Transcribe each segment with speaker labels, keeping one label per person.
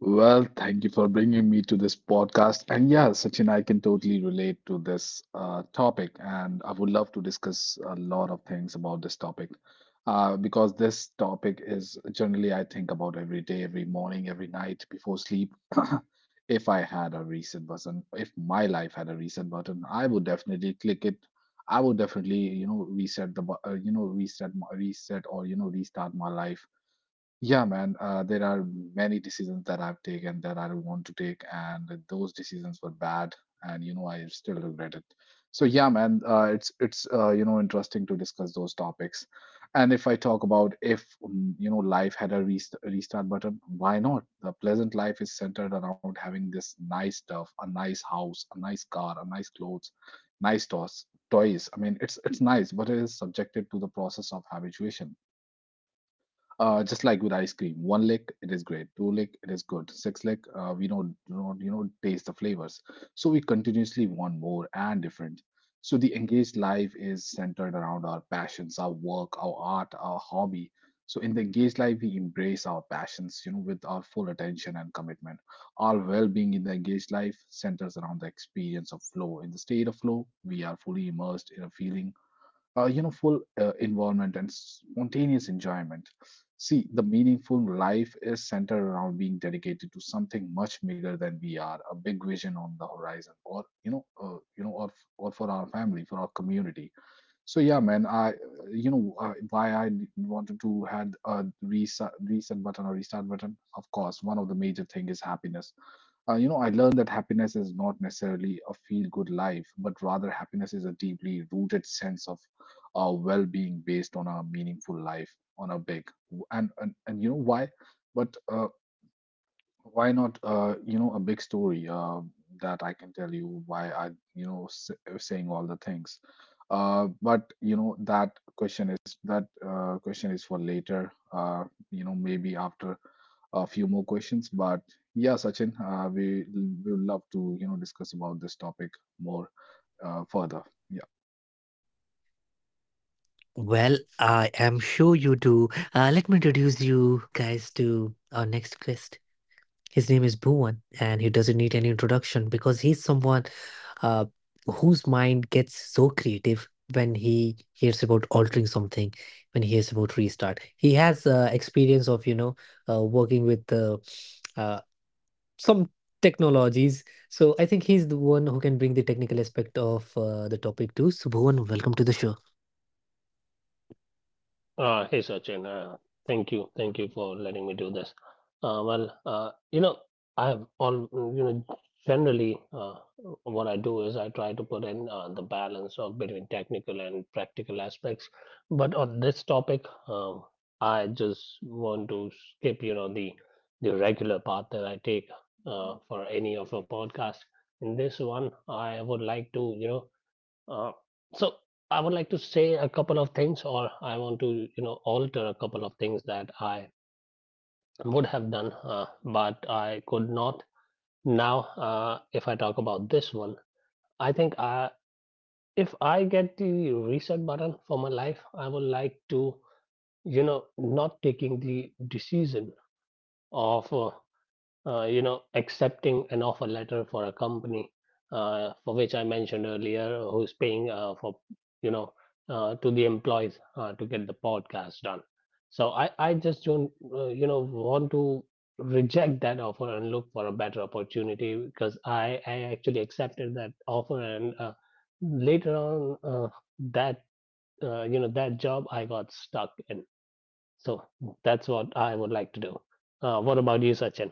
Speaker 1: Well, thank you for bringing me to this podcast. And yeah, Sachin, I can totally relate to this topic, and I would love to discuss a lot of things about this topic because this topic is generally I think about every day, every morning, every night before sleep. If I had a reset button, if my life had a reset button, I would definitely click it. I would definitely, you know, reset the, bu- you know, reset, my, reset restart my life. Yeah, man. There are many decisions that I've taken that I don't want to take, and those decisions were bad, and you know I still regret it. So yeah, man. It's interesting to discuss those topics, and if I talk about if life had a restart button, why not? The pleasant life is centered around having this nice stuff, a nice house, a nice car, a nice clothes, nice toys. Toys. I mean, it's nice, but it is subjected to the process of habituation, just like with ice cream, one lick it is great, two lick it is good, six lick we don't you know taste the flavors, so we continuously want more and different. So the engaged life is centered around our passions, our work, our art, our hobby. So in the engaged life, we embrace our passions, you know, with our full attention and commitment. Our well-being in the engaged life centers around the experience of flow. In the state of flow, we are fully immersed in a feeling, you know, full involvement and spontaneous enjoyment. See, the meaningful life is centered around being dedicated to something much bigger than we are, a big vision on the horizon, or you know, or for our family, for our community. So yeah, man, I, why I wanted to had a reset button or restart button. Of course, one of the major thing is happiness. You know, I learned that happiness is not necessarily a feel good life, but rather happiness is a deeply rooted sense of well being based on a meaningful life, on a big. And you know why? But why not, you know, a big story that I can tell you why I, you know, s saying all the things. But you know, that question is for later. You know, maybe after a few more questions. But yeah, Sachin, we would love to, you know, discuss about this topic more, further.
Speaker 2: Hey Sachin, thank you for letting me do this. Uh, well, uh, you know, I have all you know. Generally, what I do is I try to put in the balance of between technical and practical aspects. But on this topic, I just want to skip, the regular path that I take for any of a podcast. In this one, uh, so I would like to say a couple of things, or I want to, alter a couple of things that I would have done, but I could not. Now, if I talk about this one, I think I, if I get the reset button for my life, I would like to, not taking the decision of accepting an offer letter for a company for which I mentioned earlier, who's paying for, you know, to the employees to get the podcast done. So I just don't, want to reject that offer and look for a better opportunity because I actually accepted that offer and later on that, that job I got stuck in. So that's what I would like to do. What about you, Sachin?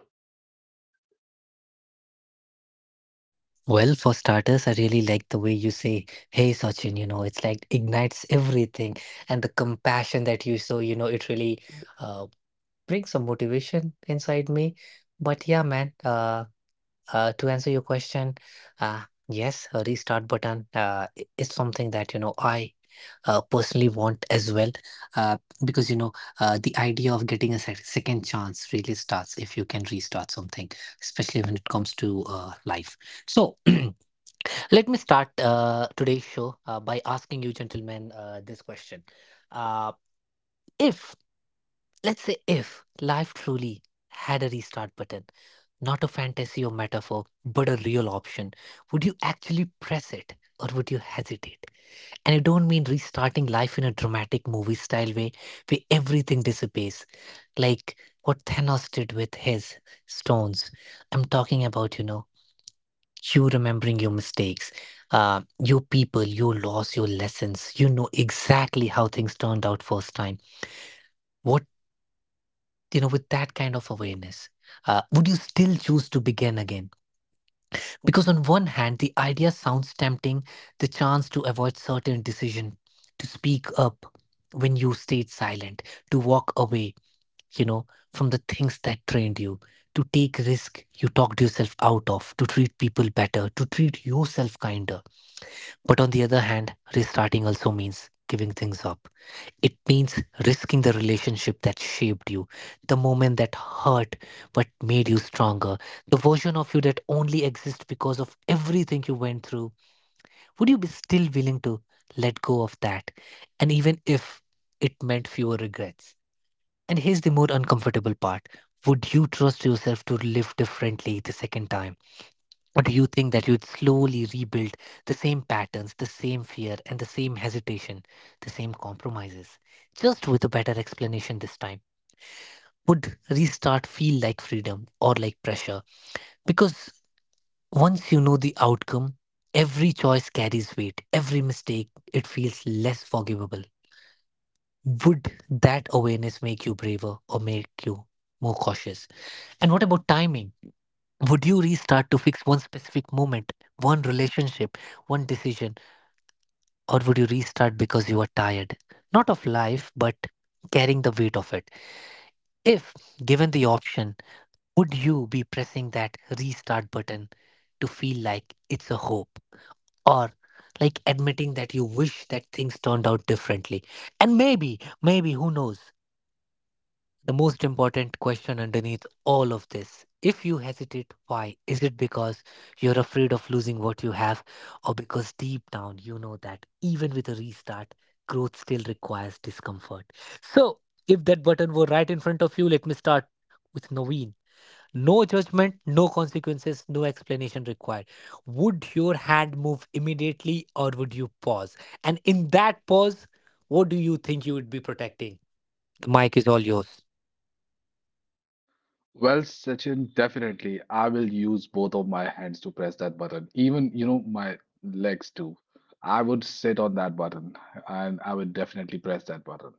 Speaker 1: Well, Sachin, definitely. I will use both of my hands to press that button. Even, you know, my legs too. I would sit on that button and I would definitely press that button.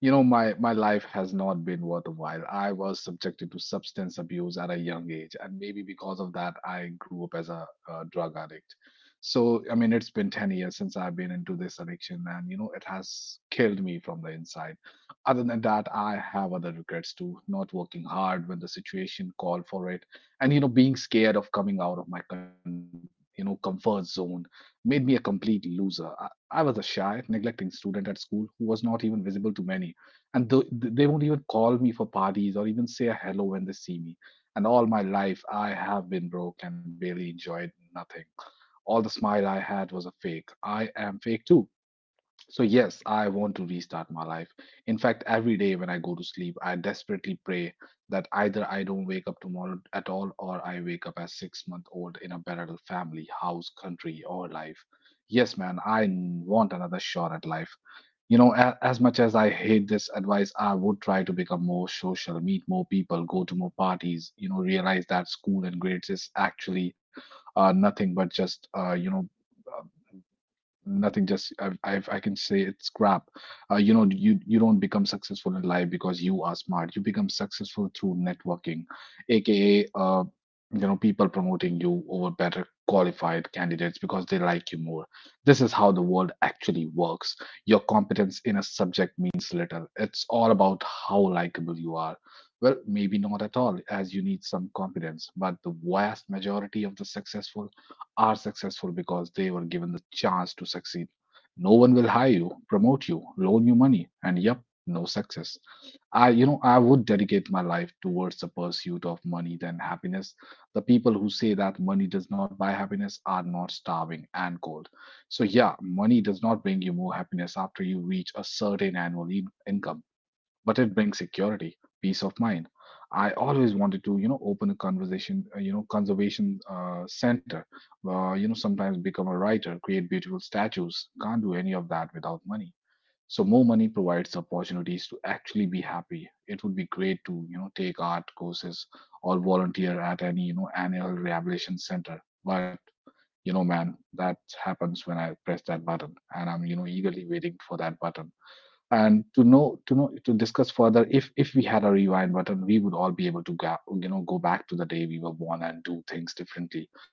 Speaker 1: You know, my life has not been worth a while. I was subjected to substance abuse at a young age, and maybe because of that, I grew up as a, drug addict. So, I mean, it's been 10 years since I've been into this addiction, and you know, it has killed me from the inside. Other than that, I have other regrets too. Not working hard when the situation called for it, and you know, being scared of coming out of my you know comfort zone made me a complete loser. I was a shy, neglecting student at school who was not even visible to many, and they won't even call me for parties or even say a hello when they see me. And all my life, I have been broke and barely enjoyed nothing. All the smile I had was a fake. I am fake too. So, yes, I want to restart my life. In fact, every day when I go to sleep, I desperately pray that either I don't wake up tomorrow at all or I wake up as 6-month old in a better family, house, country, or life. Yes, man, want another shot at life. You know, as much as I hate this advice, I would try to become more social, meet more people, go to more parties, you know, realize that school and grades is actually nothing but just, uh, nothing just I've I can say it's crap. You know, you don't become successful in life because you are smart. You become successful through networking, aka, you know, people promoting you over better qualified candidates because they like you more. This is how the world actually works. Your competence in a subject means little. It's all about how likable you are. Well, maybe not at all, as you need some competence, but the vast majority of the successful are successful because they were given the chance to succeed. No one will hire you, promote you, loan you money, and yep, no success. I would dedicate my life towards the pursuit of money than happiness. The people who say that money does not buy happiness are not starving and cold. So, yeah, money does not bring you more happiness after you reach a certain annual income, but it brings security, peace of mind. I always wanted to, you know, open a conversation, conservation center, you know, sometimes become a writer, create beautiful statues. Can't do any of that without money. So more money provides opportunities to actually be happy. It would be great to, you know, take art courses or volunteer at any, you know, annual rehabilitation center. But you know, man, that happens when I press that button, and I'm, you know, eagerly waiting for that button and to know to discuss further. If we had a rewind button, we would all be able to go, you know, go back to the day we were born and do things differently.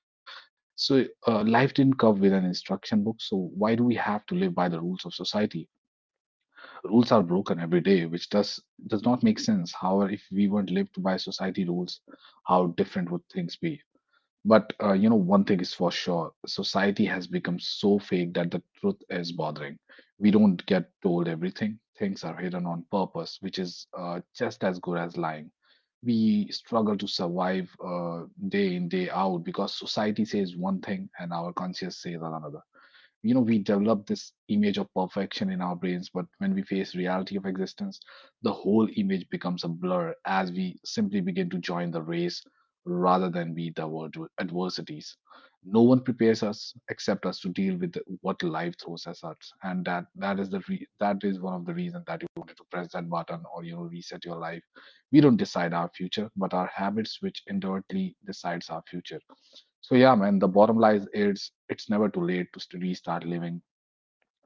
Speaker 1: So, life didn't come with an instruction book, so why do we have to live by the rules of society? Rules are broken every day, which does not make sense. However, if we weren't lived by society rules, how different would things be? But you know, one thing is for sure, society has become so fake that the truth is bothering. We don't get told everything. Things are hidden on purpose, which is just as good as lying. We struggle to survive, day in, day out, because society says one thing and our conscience says another. You know, we develop this image of perfection in our brains, but when we face reality of existence, the whole image becomes a blur as we simply begin to join the race rather than be the world to adversities. No one prepares us except us to deal with what life throws at us, and that is the that is one of the reasons that you wanted to press that button, or you know, reset your life. We don't decide our future, but our habits, which indirectly decides our future. So yeah, man, the bottom line is, it's never too late to restart living.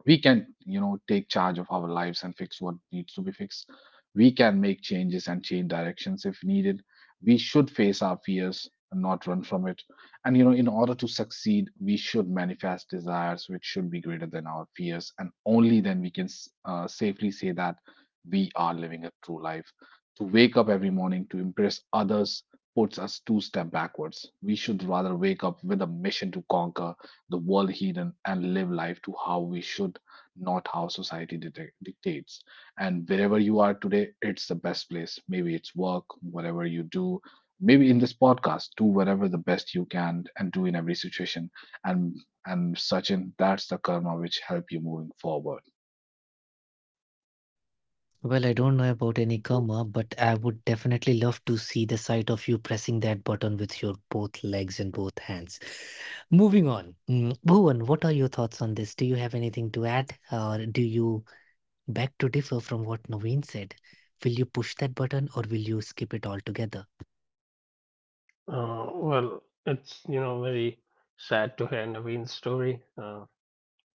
Speaker 1: We can, you know, take charge of our lives and fix what needs to be fixed. We can make changes and change directions if needed. We should face our fears and not run from it. And you know, in order to succeed, we should manifest desires which should be greater than our fears, and only then we can safely say that we are living a true life. To wake up every morning to impress others puts us two step backwards. We should rather wake up with a mission to conquer the world hidden and live life to how we should, not how society dictates. And wherever you are today, it's the best place. Maybe it's work, whatever you do, maybe in this podcast, do whatever the best you can and do in every situation. And and Sachin, that's the karma which help you moving forward.
Speaker 2: It's very sad to hear Naveen's story. Uh,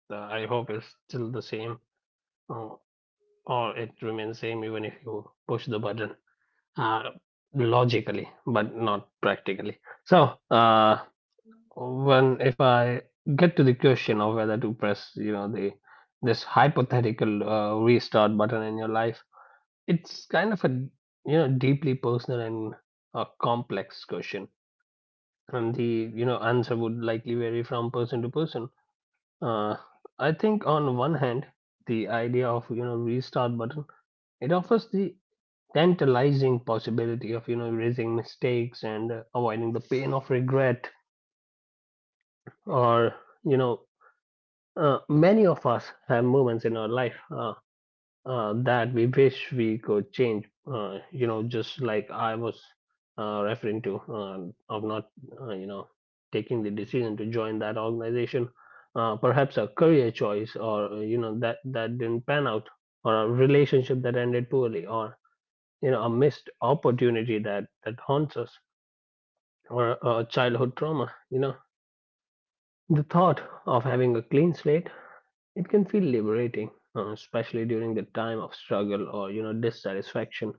Speaker 2: the, I hope it's still the same, uh, or it remains same even if you push the button uh, logically, but not practically. So, when if I get to the question of whether to press, the this hypothetical restart button in your life, it's kind of a deeply personal and a complex question, and the answer would likely vary from person to person. Uh, i think on one hand the idea of restart button, it offers the tantalizing possibility of erasing mistakes and avoiding the pain of regret. Or you know many of us have moments in our life that we wish we could change. Just like I was referring to of not, uh, you know, taking the decision to join that organization. Perhaps a career choice, or that didn't pan out, or a relationship that ended poorly, or a missed opportunity that haunts us, or a childhood trauma. The thought of having a clean slate, it can feel liberating, especially during the time of struggle or dissatisfaction.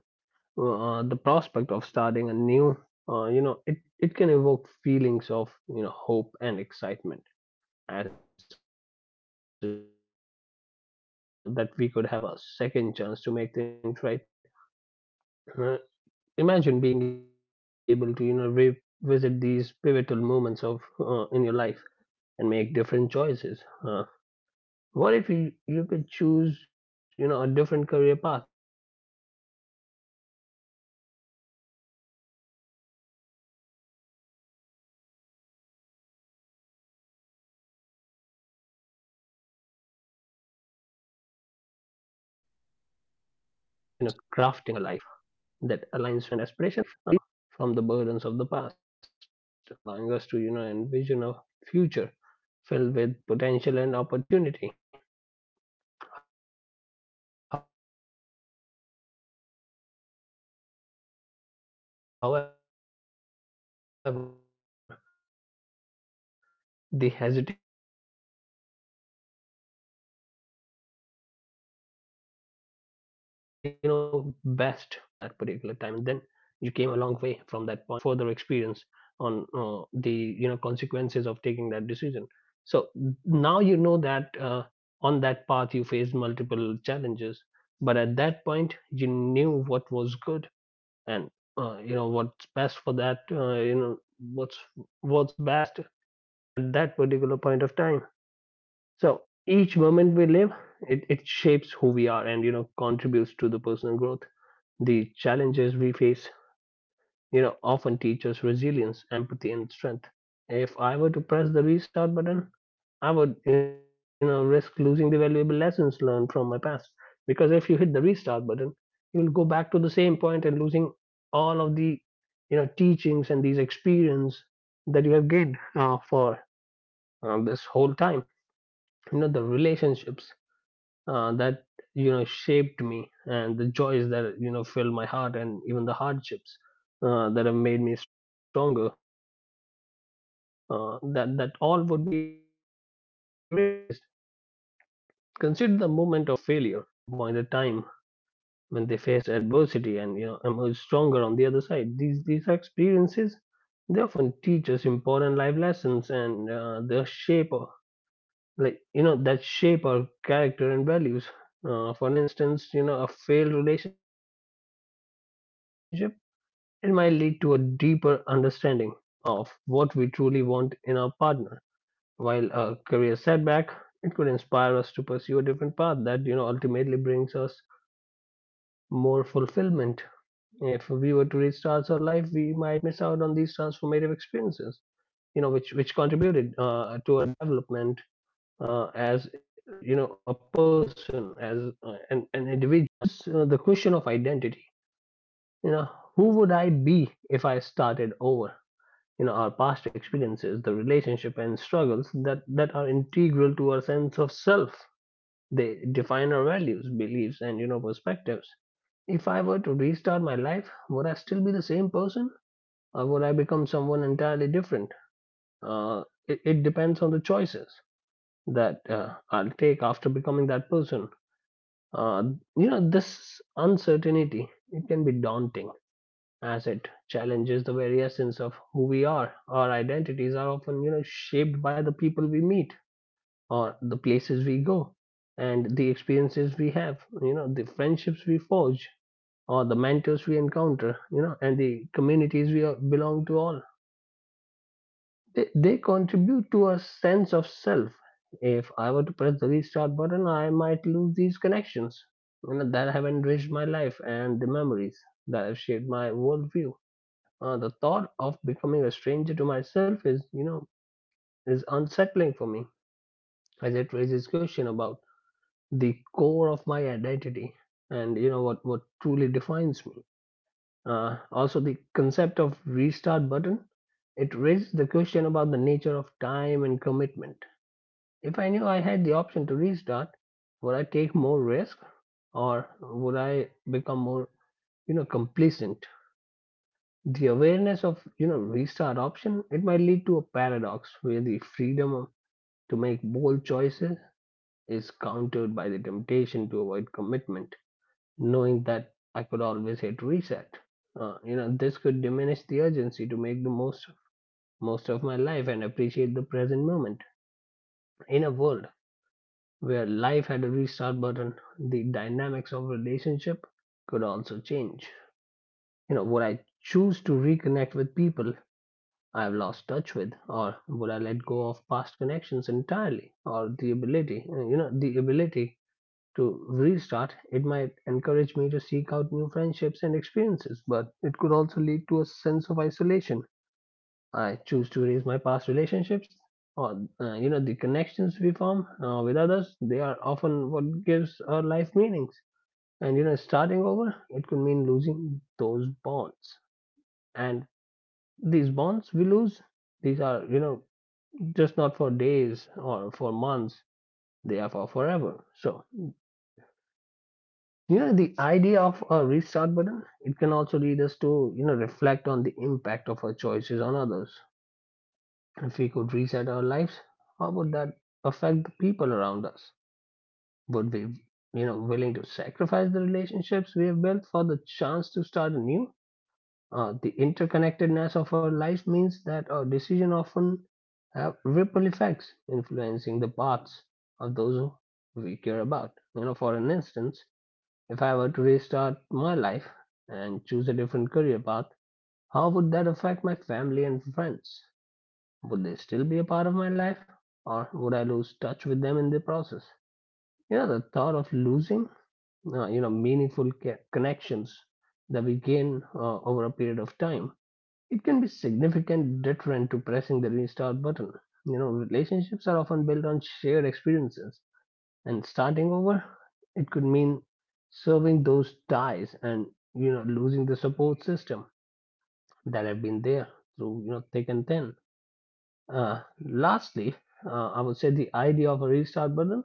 Speaker 2: The prospect of starting a new, it can evoke feelings of hope and excitement, as it suggests that could that we could have a second chance to make things right. Uh, imagine being able to revisit these pivotal moments of in your life and make different choices. Uh, what if you could choose, a different career path, pursue a long held passion, or mend a broken relationship. The possibilities are endless. And the idea of crafting a life that aligns more closely with our dreams and aspirations, it's undeniably appealing, I guess. The restart button, it symbolizes freedom from the burdens of the past, allowing us to envision a future filled with potential and opportunity. However, the hesitation comes from recognizing the value of our experiences, both good and bad. Those pivotal moments, you chose what felt you know best as per your past experiences at that particular time, and then you came a long way from that point, gaining further experience on the consequences of taking that decision. So now you know that, on that path you faced multiple challenges, but at that point you knew what was good and what's best for that what's best at that particular point of time. So each moment we live, it shapes who we are and contributes to the personal growth. The challenges we face often teach us resilience, empathy, and strength. If I were to press the restart button, I would, risk losing the valuable lessons learned from my past. Because if you hit the restart button, you'll go back to the same point and losing all of the, teachings and these experience that you have gained for this whole time. The relationships that shaped me, and the joys that filled my heart, and even the hardships that have made me stronger. That all would be erased. Consider the moment of failure that have led to personal growth. Many people can point a time when they faced adversity and emerged stronger on the other side. These experiences, they often teach us important life lessons, and like that shape our character and values. For instance, a failed relationship, it might lead to a deeper understanding of what we truly want in our partner, while a career setback, it could inspire us to pursue a different path that ultimately brings us more fulfillment. If we were to restart our life, we might miss out on these transformative experiences, which contributed to our development as a person, as an individual. I think there is the question of identity. You know, who would I be if I started over? Our past experiences, the relationship and struggles that are integral to our sense of self, they define our values, beliefs, and perspectives. If I were to restart my life, would I still be the same person, or would I become someone entirely different? Uh, it, it depends on the choices that I'll take after becoming that person. uh, this uncertainty, it can be daunting, as it challenges the very essence of who we are. Our identities are often, shaped by the people we meet or the places we go and the experiences we have, the friendships we forge or the mentors we encounter, and the communities we are, belong to all. They contribute to a sense of self. If I were to press the restart button, I might lose these connections, that have enriched my life, and the memories that have shaped my worldview. The thought of becoming a stranger to myself is, is unsettling for me, as it raises question about the core of my identity and what truly defines me. Also, the concept of restart button, it raises the question about the nature of time and commitment. If I knew I had the option to restart, would I take more risk, or would I become more, complacent? The awareness of restart option, it might lead to a paradox where the freedom to make bold choices is countered by the temptation to avoid commitment, knowing that I could always hit reset. This could diminish the urgency to make the most of my life and appreciate the present moment. In a world where life had a restart button, the dynamics of relationship could also change. Would I choose to reconnect with people I've lost touch with? Or would I let go of past connections entirely? Or the ability to restart? It might encourage me to seek out new friendships and experiences, but it could also lead to a sense of isolation. I choose to erase my past relationships or, the connections we form with others. They are often what gives our life meanings. And, starting over, it could mean losing those bonds. And these bonds we lose, these are just not for days or for months, they are for forever. So the idea of a restart button, it can also lead us to reflect on the impact of our choices on others. If we could reset our lives, how would that affect the people around us? Would we willing to sacrifice the relationships we have built for the chance to start anew. The interconnectedness of our lives means that our decisions often have ripple effects, influencing the paths of those we care about. For an instance, if I were to restart my life and choose a different career path, how would that affect my family and friends? Would they still be a part of my life, or would I lose touch with them in the process? You know, the thought of losing, meaningful connections that we gain over a period of time it can be significant deterrent to pressing the restart button. You know, relationships are often built on shared experiences, and starting over, it could mean serving those ties and losing the support system that have been there through thick and thin. Lastly, I would say the idea of a restart button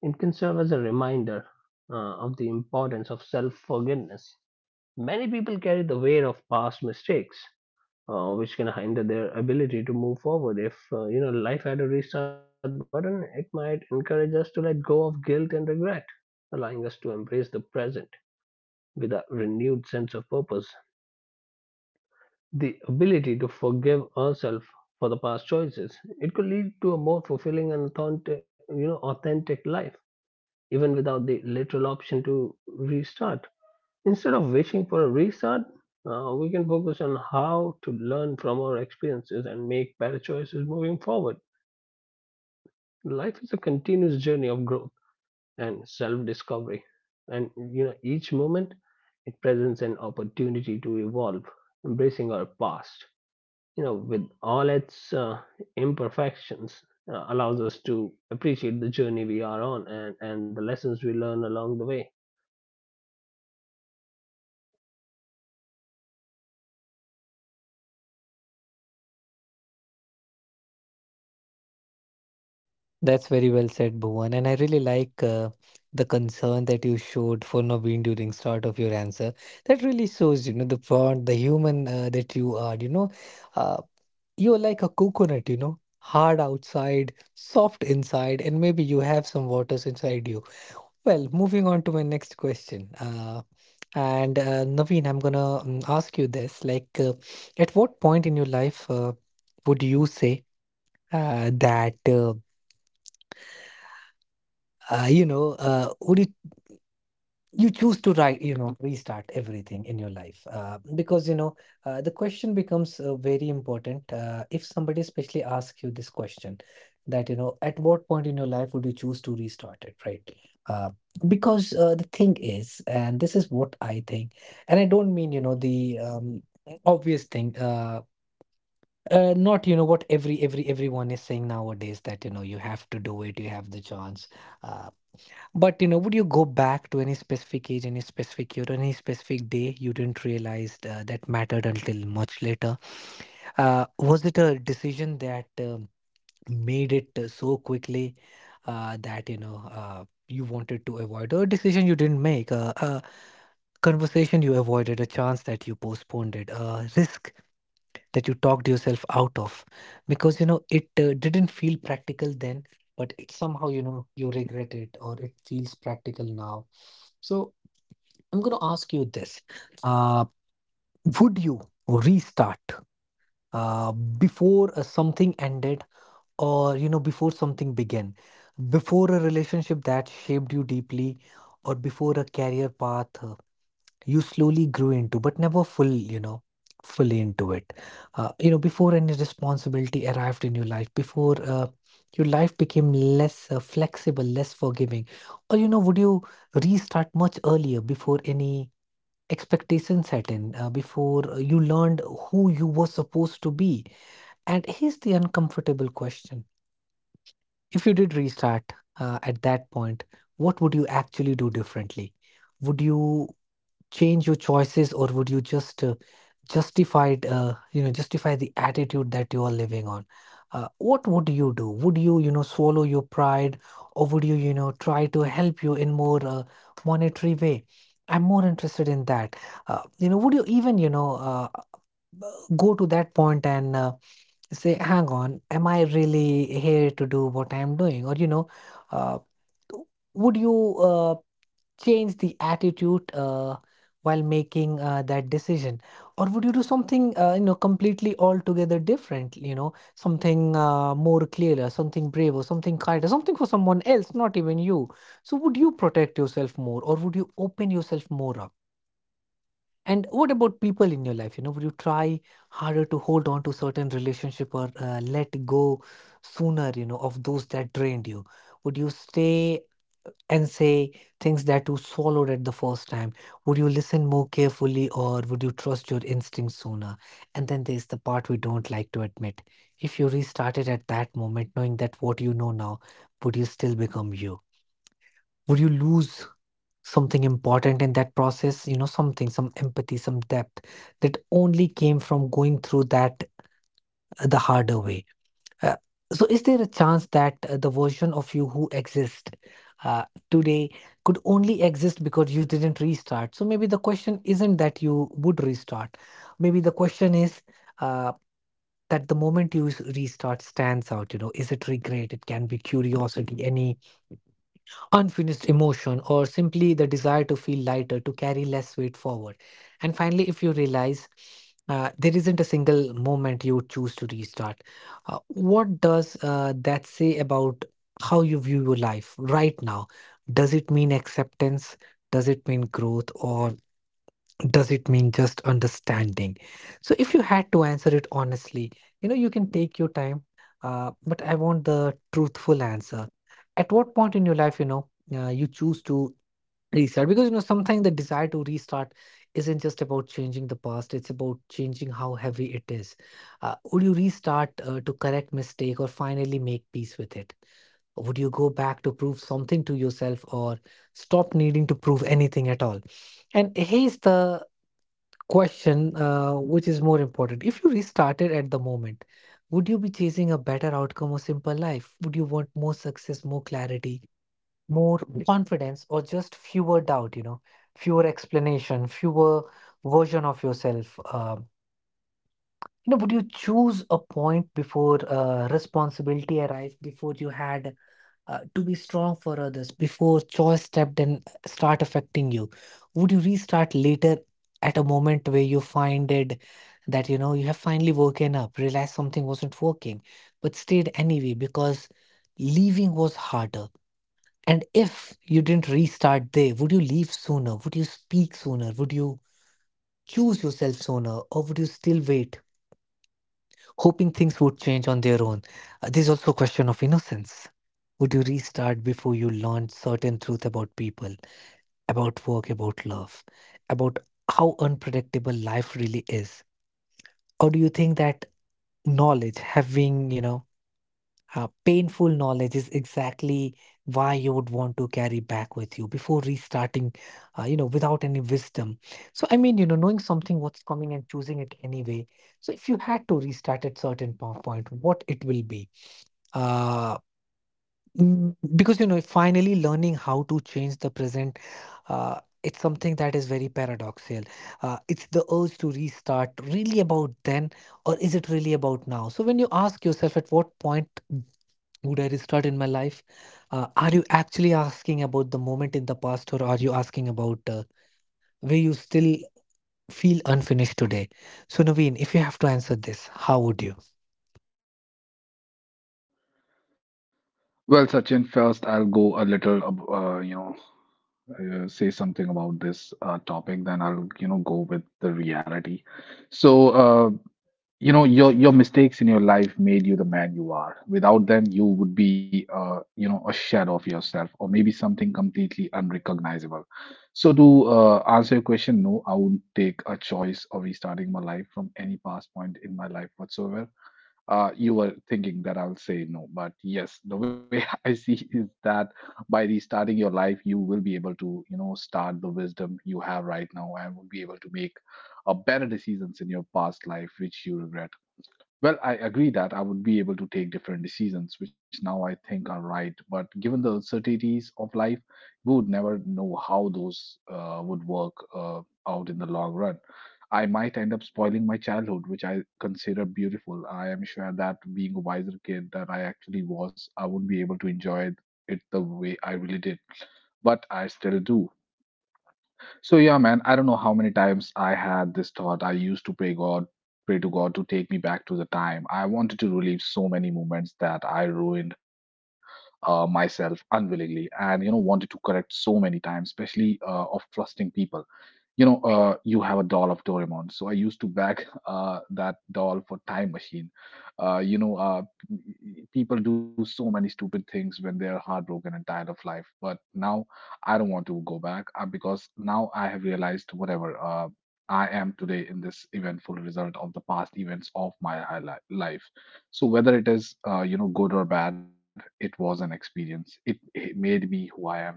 Speaker 2: it can serve as a reminder of the importance of self forgiveness. Many people carry the weight of past mistakes which can hinder their ability to move forward. If life had a restart button, it might encourage us to let go of guilt and regret, allowing us to embrace the present with a renewed sense of purpose. The ability to forgive ourselves for the past choices it could lead to a more fulfilling and authentic, you know authentic life, even without the literal option to restart. Instead of wishing for a restart, we can focus on how to learn from our experiences and make better choices moving forward. Life is a continuous journey of growth and self-discovery, and each moment it presents an opportunity to evolve, embracing our past. You know, with all its imperfections, allows us to appreciate the journey we are on and the lessons we learn along the way.
Speaker 1: Well, Sachin, first I'll go a little, you know, say something about this topic, then I'll, you know, go with the reality. So, your mistakes in your life made you the man you are. Without them you would be a shadow of yourself, or maybe something completely unrecognizable. So to answer your question, no, I wouldn't take a choice of restarting my life from any past point in my life whatsoever. You were thinking that I'll say no, but yes. The way I see is that by restarting your life you will be able to start the wisdom you have right now and will be able to make better decisions in your past life which you regret. Well, I agree that I would be able to take different decisions, which now I think are right. But given the uncertainties of life, we would never know how those would work out in the long run. I might end up spoiling my childhood, which I consider beautiful. I am sure that being a wiser kid that I actually was, I wouldn't be able to enjoy it the way I really did. But I still do. So yeah, man, I don't know how many times I had this thought. I used to pray God, pray to God to take me back to the time. I wanted to relive so many moments that I ruined myself unwillingly, and wanted to correct so many times, especially of trusting people. You have a doll of Doraemon. So I used to bag that doll for Time Machine. Uh, you know, uh, People do so many stupid things when they are heartbroken and tired of life. But now I don't want to go back because now I have realized whatever I am today in this eventful result of the past events of my life. So whether it is good or bad, it was an experience. It made me who I am today,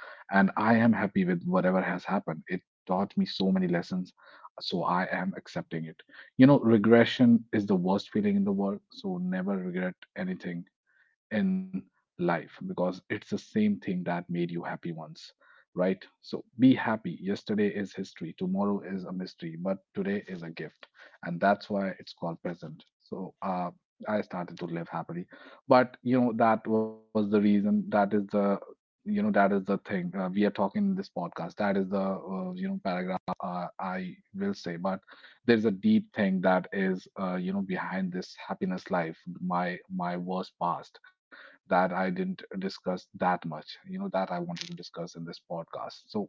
Speaker 1: and I am happy with whatever has happened. It taught me so many lessons. So I am accepting it. You know, regression is the worst feeling in the world. So never regret anything in life, because it's the same thing that made you happy once, right? So be happy. Yesterday is history, tomorrow is a mystery, but today is a gift, and that's why it's called present. So, I started to live happily, but you know, that was the reason. That is the thing we are talking in this podcast. That is the paragraph I will say. But there's a deep thing that is behind this happiness life, my worst past that I didn't discuss that much, you know, that I wanted to discuss in this podcast. So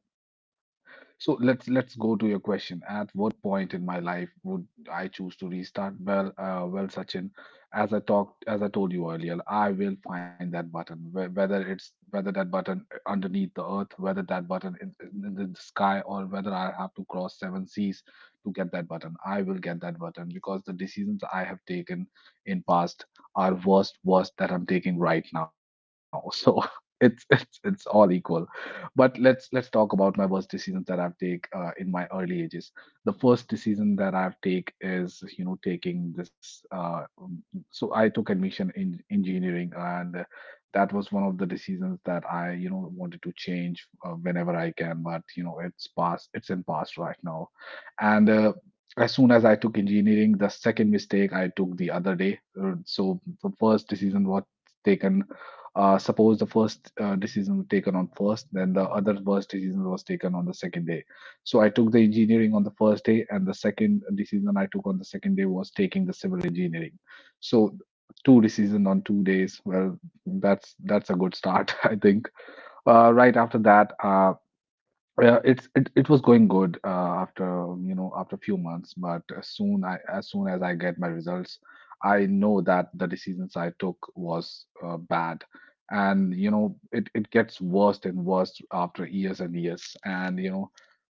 Speaker 1: let's go to your question. At what point in my life would I choose to restart? Well, well, Sachin, as I talked, as I told you earlier, I will find that button. Whether it's whether that button underneath the earth, whether that button in, in the sky, or whether I have to cross seven seas to get that button, I will get that button, because the decisions I have taken in past are worst, that I'm taking right now. So it's all equal. But let's talk about my worst decisions that I've take in my early ages. The first decision that I've take is, you know, taking this. So I took admission in engineering, and that was one of the decisions that I wanted to change whenever I can. But you know, it's past. It's in past right now, and. As soon as I took engineering, the second mistake I took the other day. So the first decision was taken, suppose the first decision was taken on first, then the other worst decision was taken on the second day. So I took the engineering on the first day, and the second decision I took on the second day was taking the civil engineering. So two decisions on 2 days. Well, that's a good start, I think. Right after that, yeah, it was going good after after a few months, but as soon as I get my results, I know that the decisions I took was bad, and you know, it gets worse and worse after years and years, and you know,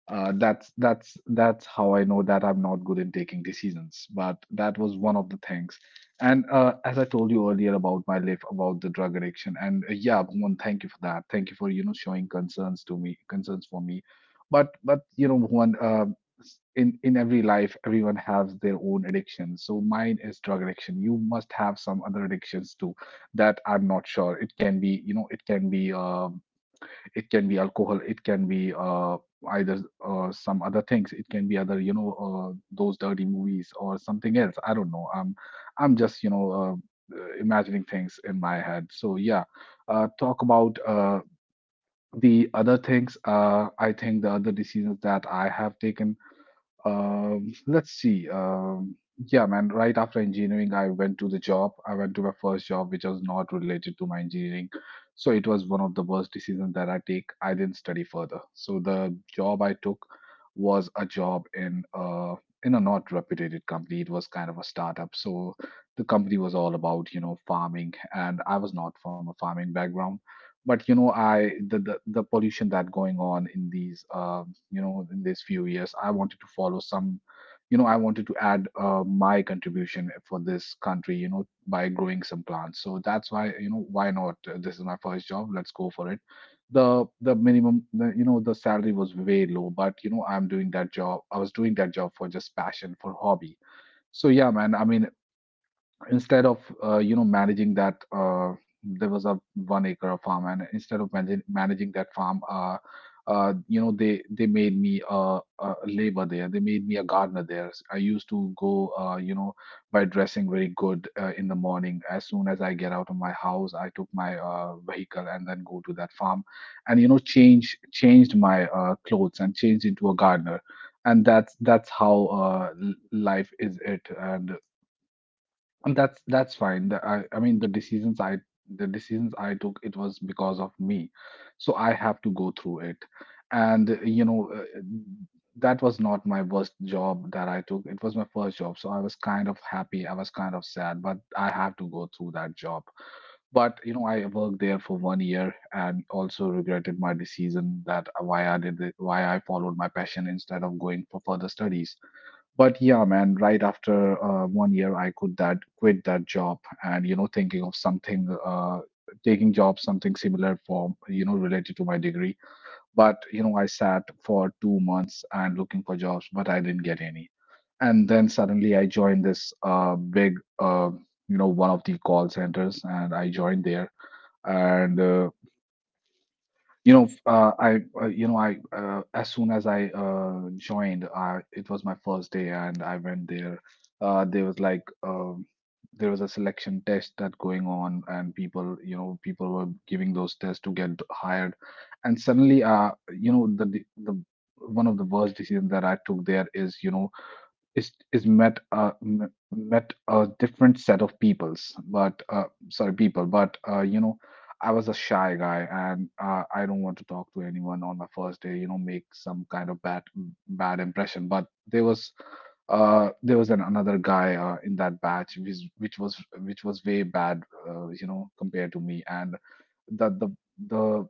Speaker 1: that's how I know that I'm not good in taking decisions. But that was one of the things, and as I told you earlier about my life, about the drug addiction, and yeah, Bhuvan, thank you for that. Thank you for showing concerns to me, concerns for me. But you know, Bhuvan, in every life, everyone has their own addiction. So mine is drug addiction. You must have some other addictions too that I'm not sure. It can be, you know, it can be alcohol, it can be either some other things. It can be other, those dirty movies or something else, I don't know. I'm just imagining things in my head. So yeah, talk about the other things. I think the other decisions that I have taken, let's see. Yeah, man. Right after engineering, I went to the job. I went to my first job, which was not related to my engineering. So it was one of the worst decisions that I take. I didn't study further. So the job I took was a job in a not reputed company. It was kind of a startup. So the company was all about, you know, farming, and I was not from a farming background. But you know, the pollution that going on in these in these few years, I wanted to follow some, I wanted to add my contribution for this country, you know, by growing some plants. So that's why, you know, why not? This is my first job, let's go for it. The minimum, you know, the salary was way low, but you know, I was doing that job for just passion, for hobby. So yeah, man, I mean, instead of managing that there was a 1 acre of farm, and instead of managing that farm, you know, they made me a labor there. They made me a gardener there. I used to go, you know, by dressing very good in the morning. As soon as I get out of my house, I took my vehicle and then go to that farm, and you know, changed my clothes and changed into a gardener, and that's how life is it, and that's fine. The, I mean the decisions I, the decisions I took it was because of me, so I have to go through it, and that was not my worst job that I took. It was my first job, so I was kind of happy. I was kind of sad, but I have to go through that job. But you know, I worked there for 1 year and also regretted my decision, that why I did it, why I followed my passion instead of going for further studies. But yeah, man, right after 1 year, I could that quit that job, and you know, thinking of something, taking job something similar, for related to my degree. But you know, I sat for 2 months and looking for jobs, but I didn't get any. And then suddenly I joined this big, you know, one of the call centers, and I joined there and. You know I you know I as soon as I joined, it was my first day and I went there. There was like there was a selection test that going on, and people, you know, people were giving those tests to get hired. And suddenly, you know, one of the worst decisions that I took there is, you know, is met met a different set of peoples, but sorry, people, but you know, I was a shy guy, and I don't want to talk to anyone on my first day, you know, make some kind of bad, impression. But there was another guy in that batch, which which was way bad, you know, compared to me. And that the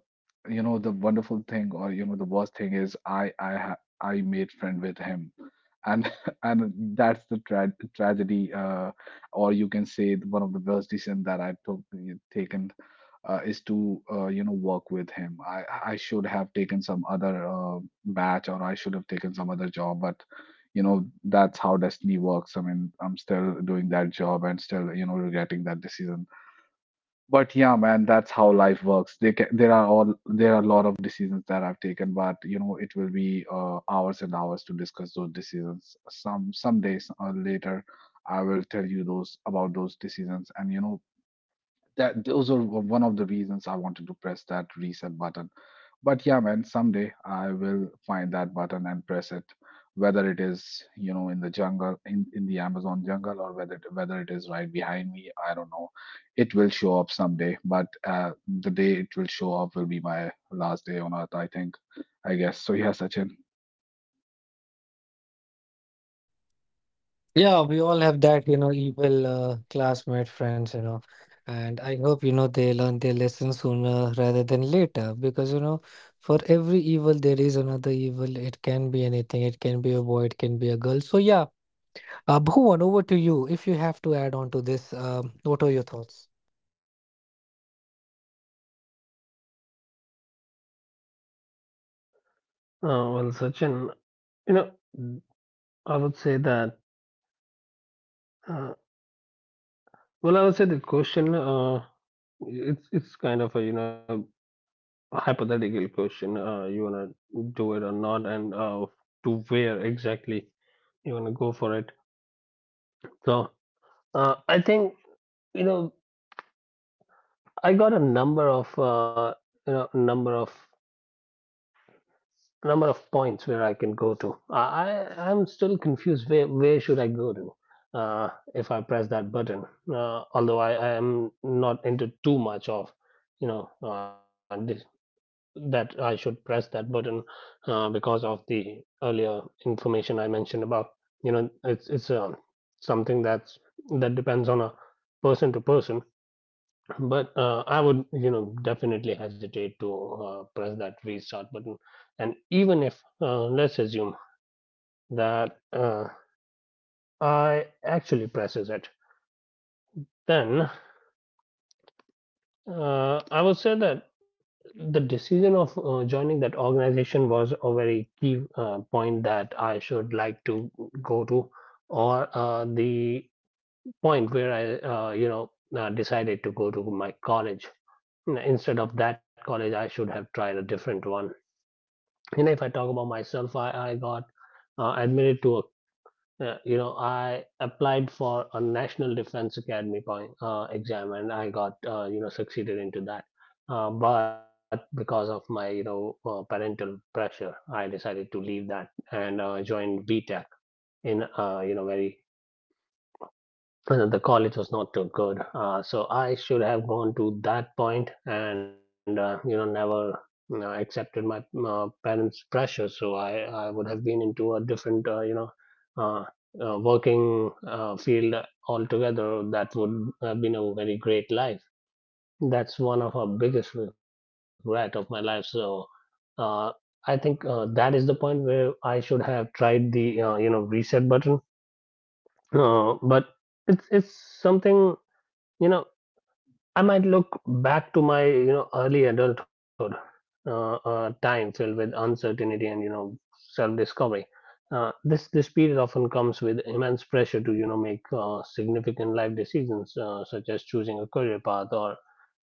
Speaker 1: you know, the wonderful thing, or you know, the worst thing is, I made friend with him, and and that's the tragedy, or you can say one of the worst decision that I took, taken is to, you know, work with him. I should have taken some other batch, or I should have taken some other job, but you know, that's how destiny works. I mean, I'm still doing that job and still regretting that decision. But yeah, man, that's how life works. They ca there are all there are a lot of decisions that I've taken, but you know, it will be hours and hours to discuss those decisions. Some days later, I will tell you those about those decisions, and you know that those are one of the reasons I wanted to press that reset button. But yeah, man, someday I will find that button and press it, whether it is, you know, in the jungle, in the Amazon jungle, or whether it is right behind me. I don't know. It will show up someday, but the day it will show up will be my last day on earth, I think. I guess. So yeah, Sachin.
Speaker 2: Well, Sachin, you know, I would say that Uh, well, I would say the question it's it's kind of a hypothetical question. You wanna do it or not, and to where exactly you wanna go for it. So I think you know I got a number of you know number of number of points where I can go to. I'm still confused where should I go to. Uh, if I press that button, although I am not into too much of you know uh, that I should press that button because of the earlier information I mentioned about it's something that's that depends on a person to person but I would definitely hesitate to press that restart button, and even if let's assume that I actually presses it, then I would say that the decision of joining that organization was a very key point that I should like to go to, or the point where I decided to go to my college. Instead of that college, I should have tried a different one. You know, if I talk about myself, I got admitted to a yeah, you know, I applied for a National Defense Academy point exam, and I got succeeded into that. But because of my parental pressure, I decided to leave that and joined B Tech in you know very the college was not too good. So I should have gone to that point and never accepted my parents' pressure. So I would have been into a different uh, working field altogether. That would have been a very great life. That's one of our biggest regret of my life. So. Uh, I think that is the point where I should have tried the reset button, but it's something you know I might look back to my early adulthood, time filled with uncertainty and self discovery. Uh, this period often comes with immense pressure to make significant life decisions such as choosing a career path or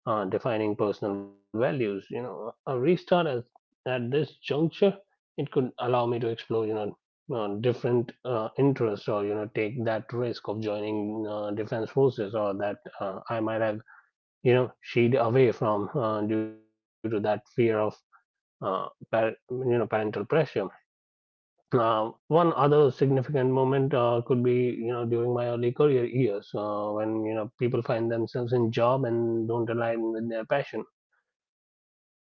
Speaker 2: defining personal values. You know, a restart at this juncture it could allow me to explore different interests or take that risk of joining defense forces or that I might have shied away from due to that fear of uh, parental pressure. One other significant moment could be during my early career years when people find themselves in job and don't align with their passion.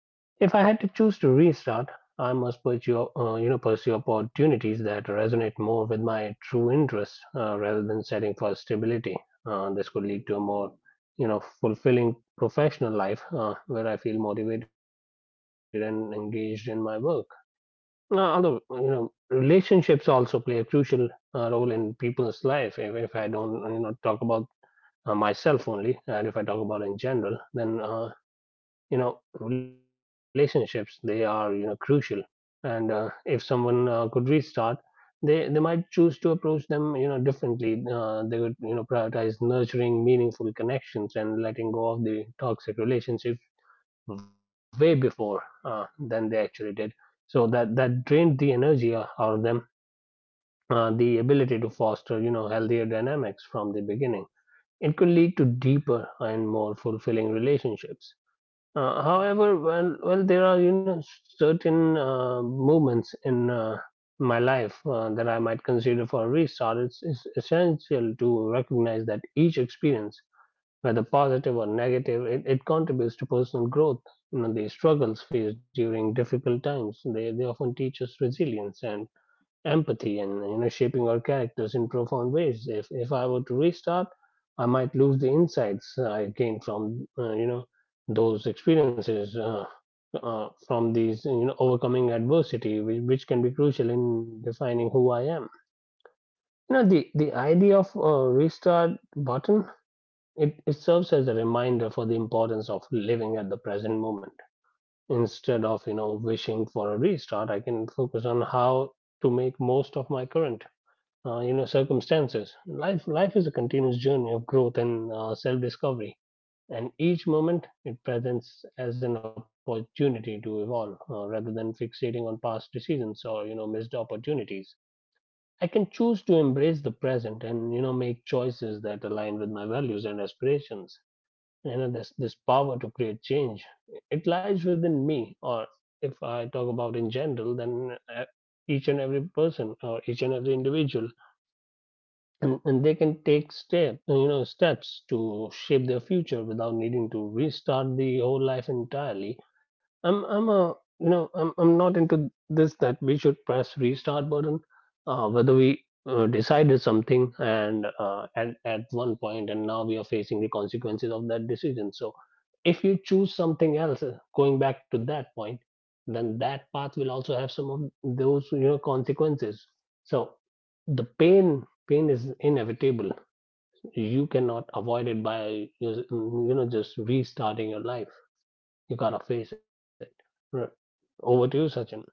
Speaker 2: If I had to choose to restart, I must pursue, pursue opportunities that resonate more with my true interests rather than setting for stability. This could lead to a more, you know, fulfilling professional life where I feel motivated and engaged in my work. Although, you know, relationships also play a crucial role in people's life. If I don't, you know, talk about myself only, and if I talk about in general, then you know relationships they are crucial, and if someone could restart, they might choose to approach them differently. Uh, they would prioritize nurturing meaningful connections and letting go of the toxic relationships way before than they actually did, so that that drained the energy out of them. Uh, the ability to foster healthier dynamics from the beginning it could lead to deeper and more fulfilling relationships. However, well, well, there are certain moments in my life that I might consider for a restart. It's essential to recognize that each experience, whether positive or negative, it contributes to personal growth. You know, the struggles faced during difficult times they often teach us resilience and empathy and you know shaping our characters in profound ways. If I were to restart I might lose the insights I gained from those experiences, from these overcoming adversity, which can be crucial in defining who I am. You know, the idea of a restart button, it serves as a reminder for the importance of living at the present moment. Instead of wishing for a restart, I can focus on how to make most of my current circumstances. Life life is a continuous journey of growth and self discovery, and each moment it presents as an opportunity to evolve, rather than fixating on past decisions or missed opportunities. I can choose to embrace the present and make choices that align with my values and aspirations. You know, this power to create change it lies within me, or if I talk about in general, then each and every person or each and every individual, and they can take steps to shape their future without needing to restart the whole life entirely. I'm a you know I'm not into this that we should press restart button, whether we decided something and at one point, and now we are facing the consequences of that decision. So if you choose something else, going back to that point, then that path will also have some of those consequences. So the pain pain is inevitable. You cannot avoid it by just restarting your life. You gotta face it. Right. Over to you, Sachin.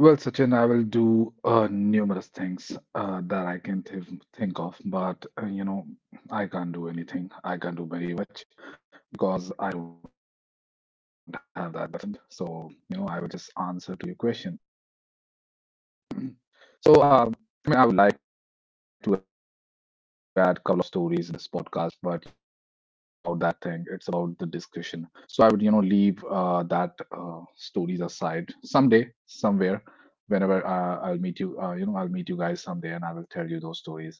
Speaker 1: Well, Sachin, I will do numerous things that I can th think of, but I can't do anything. I can't do very much because I don't have that button. So, you know, I will just answer to your question. So, I mean, I would like to add a couple of stories in this podcast, but you know, it's not about that thing. It's about the discussion. So I would, you know, leave that stories aside someday, somewhere, whenever I'll meet you. You know, I'll meet you guys someday, and I will tell you those stories.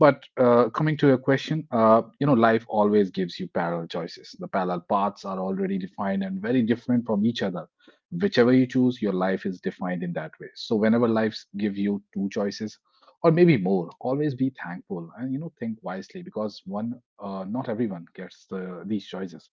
Speaker 1: But coming to your question, you know, life always gives you parallel choices. The parallel paths are already defined and very different from each other. Whichever you choose, your life is defined in that way. So whenever lives give you two choices or maybe more, always be thankful and you know think wisely, because one not everyone gets these choices.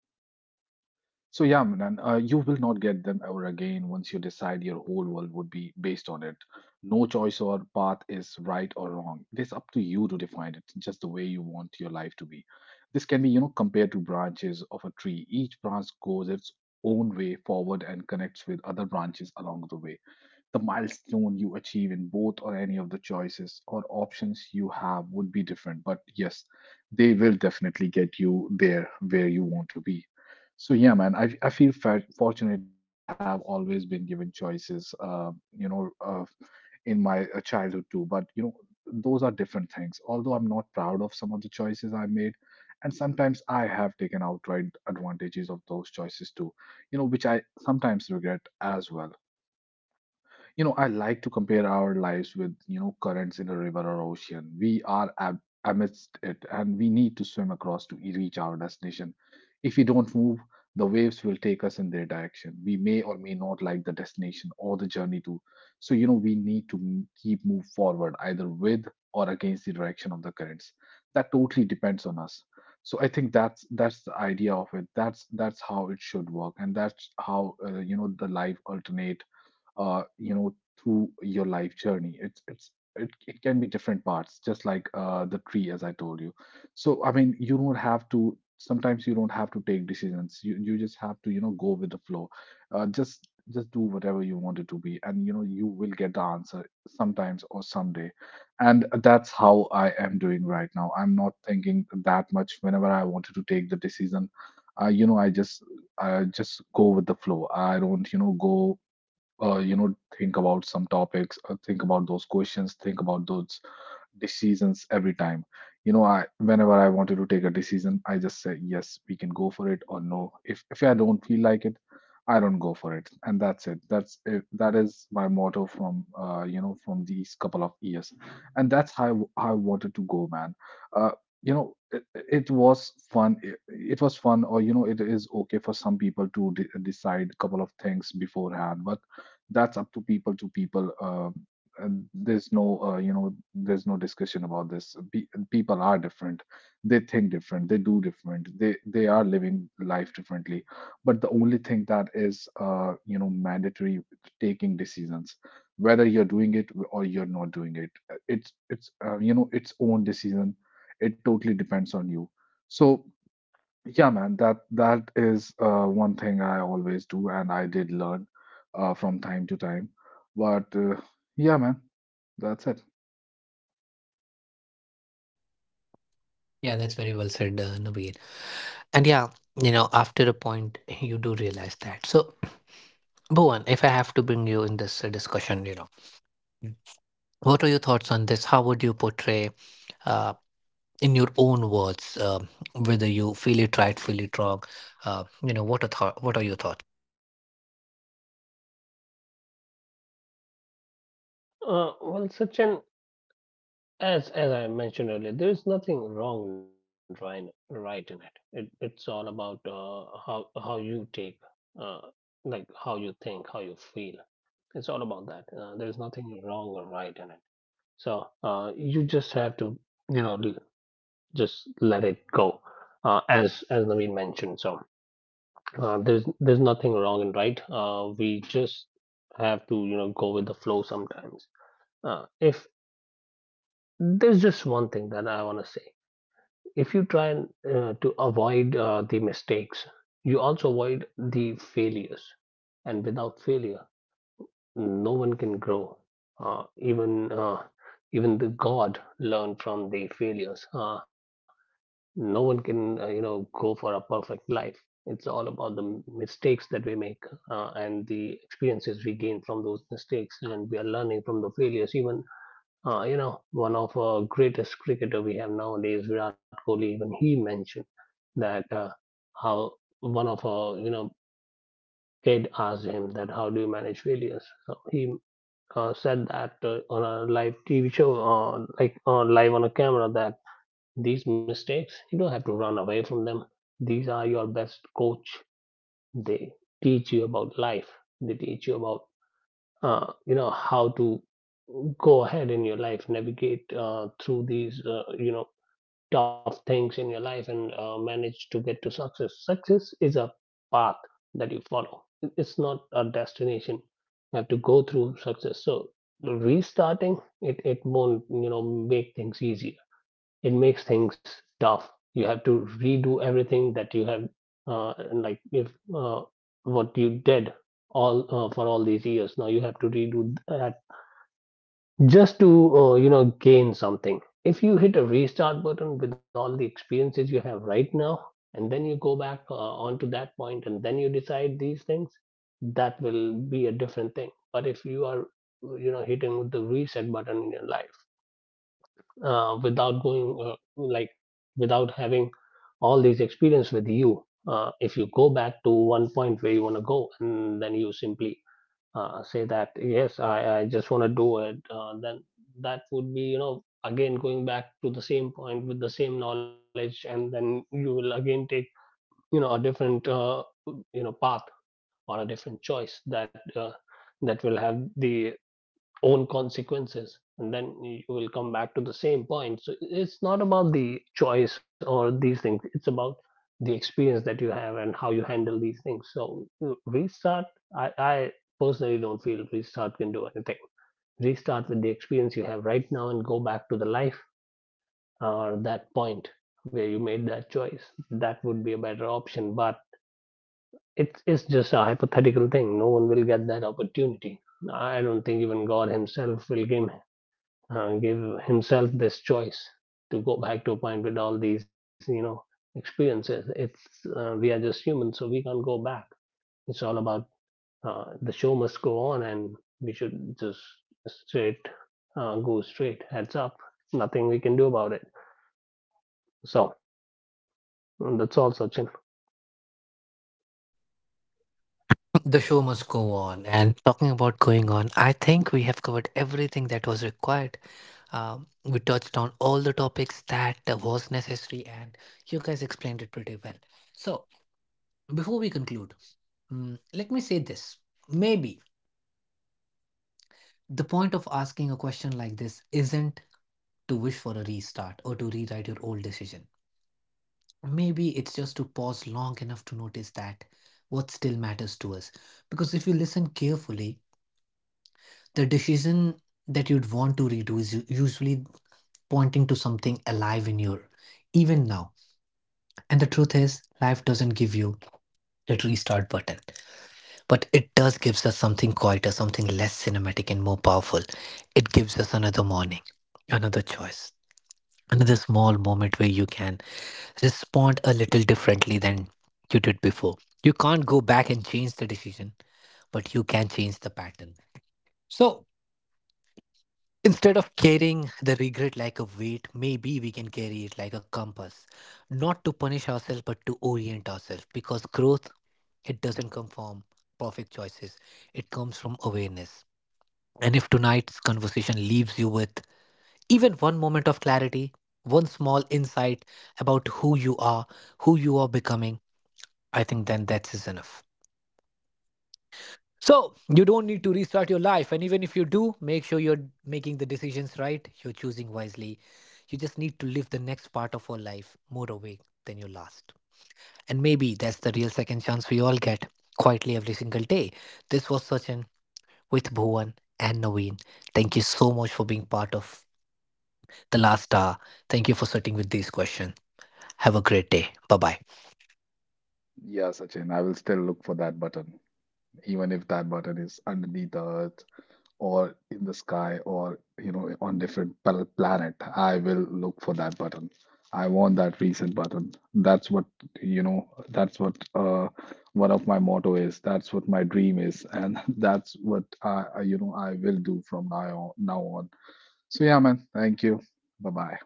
Speaker 1: So yeah, Manan, you will not get them ever again. Once you decide, your whole world would be based on it. No choice or path is right or wrong. It is up to you to define it just the way you want your life to be. This can be, you know, compared to branches of a tree. Each branch goes its own way forward and connects with other branches along the way. The milestone you achieve in both or any of the choices or options you have would be different. But yes, they will definitely get you there where you want to be. So yeah, man, I feel fortunate to have always been given choices, you know, uh, in my childhood too. But you know, those are different things. Although I'm not proud of some of the choices I made, and sometimes I have taken outright advantages of those choices too, you know, which I sometimes regret as well. You know, I like to compare our lives with, you know, currents in a river or ocean. We are ab amidst it, and we need to swim across to reach our destination. If we don't move, the waves will take us in their direction. We may or may not like the destination or the journey too. So, you know, we need to keep move forward either with or against the direction of the currents. That totally depends on us. So I think that's the idea of it. That's how it should work, and that's how the life alternate uh, you know, through your life journey. It can be different parts, just like the tree, as I told you. So I mean, you don't have to. Sometimes you don't have to take decisions. You just have to go with the flow. Just do whatever you want it to be, and you know you will get the answer sometimes or someday. And that's how I am doing right now. I'm not thinking that much. Whenever I wanted to take the decision, uh, you know, I just I just go with the flow. I don't go think about some topics, think about those questions, think about those decisions every time. You know, I whenever I wanted to take a decision, I just say yes, we can go for it, or no. If I don't feel like it, I don't go for it, and that's it. That's it. That is my motto from from these couple of years, and that's how I wanted to go, man. Uh, you know, it was fun. It was fun, or you know, it is okay for some people to decide couple of things beforehand, but that's up to people to people. Uh, there's no discussion about this. People are different. They think different, they do different, they are living life differently. But the only thing that is mandatory, taking decisions, whether you're doing it or you're not doing it, it's you know, its own decision. It totally depends on you. So yeah, man, that is one thing I always do, and I did learn from time to time. But yeah, man, that's it.
Speaker 2: Uh, well, Sachin, as I mentioned earlier, there is nothing wrong and right, right in it. It it's all about how you take uh, like how you think how you feel. It's all about that, there is nothing wrong or right in it. So you just have to, you know, just let it go, as Naveen mentioned. So there's nothing wrong and right. We just have to, you know, go with the flow sometimes. If there's just one thing that I want to say, if you try and, to avoid the mistakes, you also avoid the failures, and without failure, no one can grow. Uh, even uh, even the God learned from the failures. No one can go for a perfect life. It's all about the mistakes that we make and the experiences we gain from those mistakes, and we are learning from the failures. Even one of our greatest cricketer we have nowadays, Virat Kohli, even he mentioned that how one of our kid asked him that how do you manage failures. So he said that on a live TV show, on like on live on a camera, that these mistakes you don't have to run away from them. These are your best coach. They teach you about life. They teach you about how to go ahead in your life, navigate through these tough things in your life and manage to get to success. Success is a path that you follow. It- it's not a destination. You have to go through success. So, restarting it, it won't, you know, make things easier. It makes things tough. You have to redo everything that you have, and like if uh, what you did all for all these years. Now you have to redo that just to gain something. If you hit a restart button with all the experiences you have right now and then you go back, onto that point, and then you decide these things, that will be a different thing. But if you are hitting the reset button in your life without going like without having all these experience with you, if you go back to one point where you want to go and then you simply say that yes I just want to do it, then that would be again going back to the same point with the same knowledge. And then you will again take a different path or a different choice that that will have the own consequences and then you will come back to the same point. So it's not about the choice or these things, it's about the experience that you have and how you handle these things. So I personally don't feel restart can do anything. Restart with the experience you have right now and go back to the life or that point where you made that choice, that would be a better option. But it's just a hypothetical thing, no one will get that opportunity. I don't think even god himself will give uh, give himself this choice to go back to a point with all these experiences. It's we are just humans, so we can't go back. It's all about the show must go on, and we should just straight go straight heads up. Nothing we can do about it. So that's all, Sachin.
Speaker 1: Yeah, Sachin, I will still look for that button, even if that button is underneath the earth or in the sky or, you know, on different planet. I will look for that button. I want that reset button. That's what, you know, that's what one of my motto is. That's what my dream is. And that's what I will do from now on, now on. So yeah, man, thank you. Bye bye.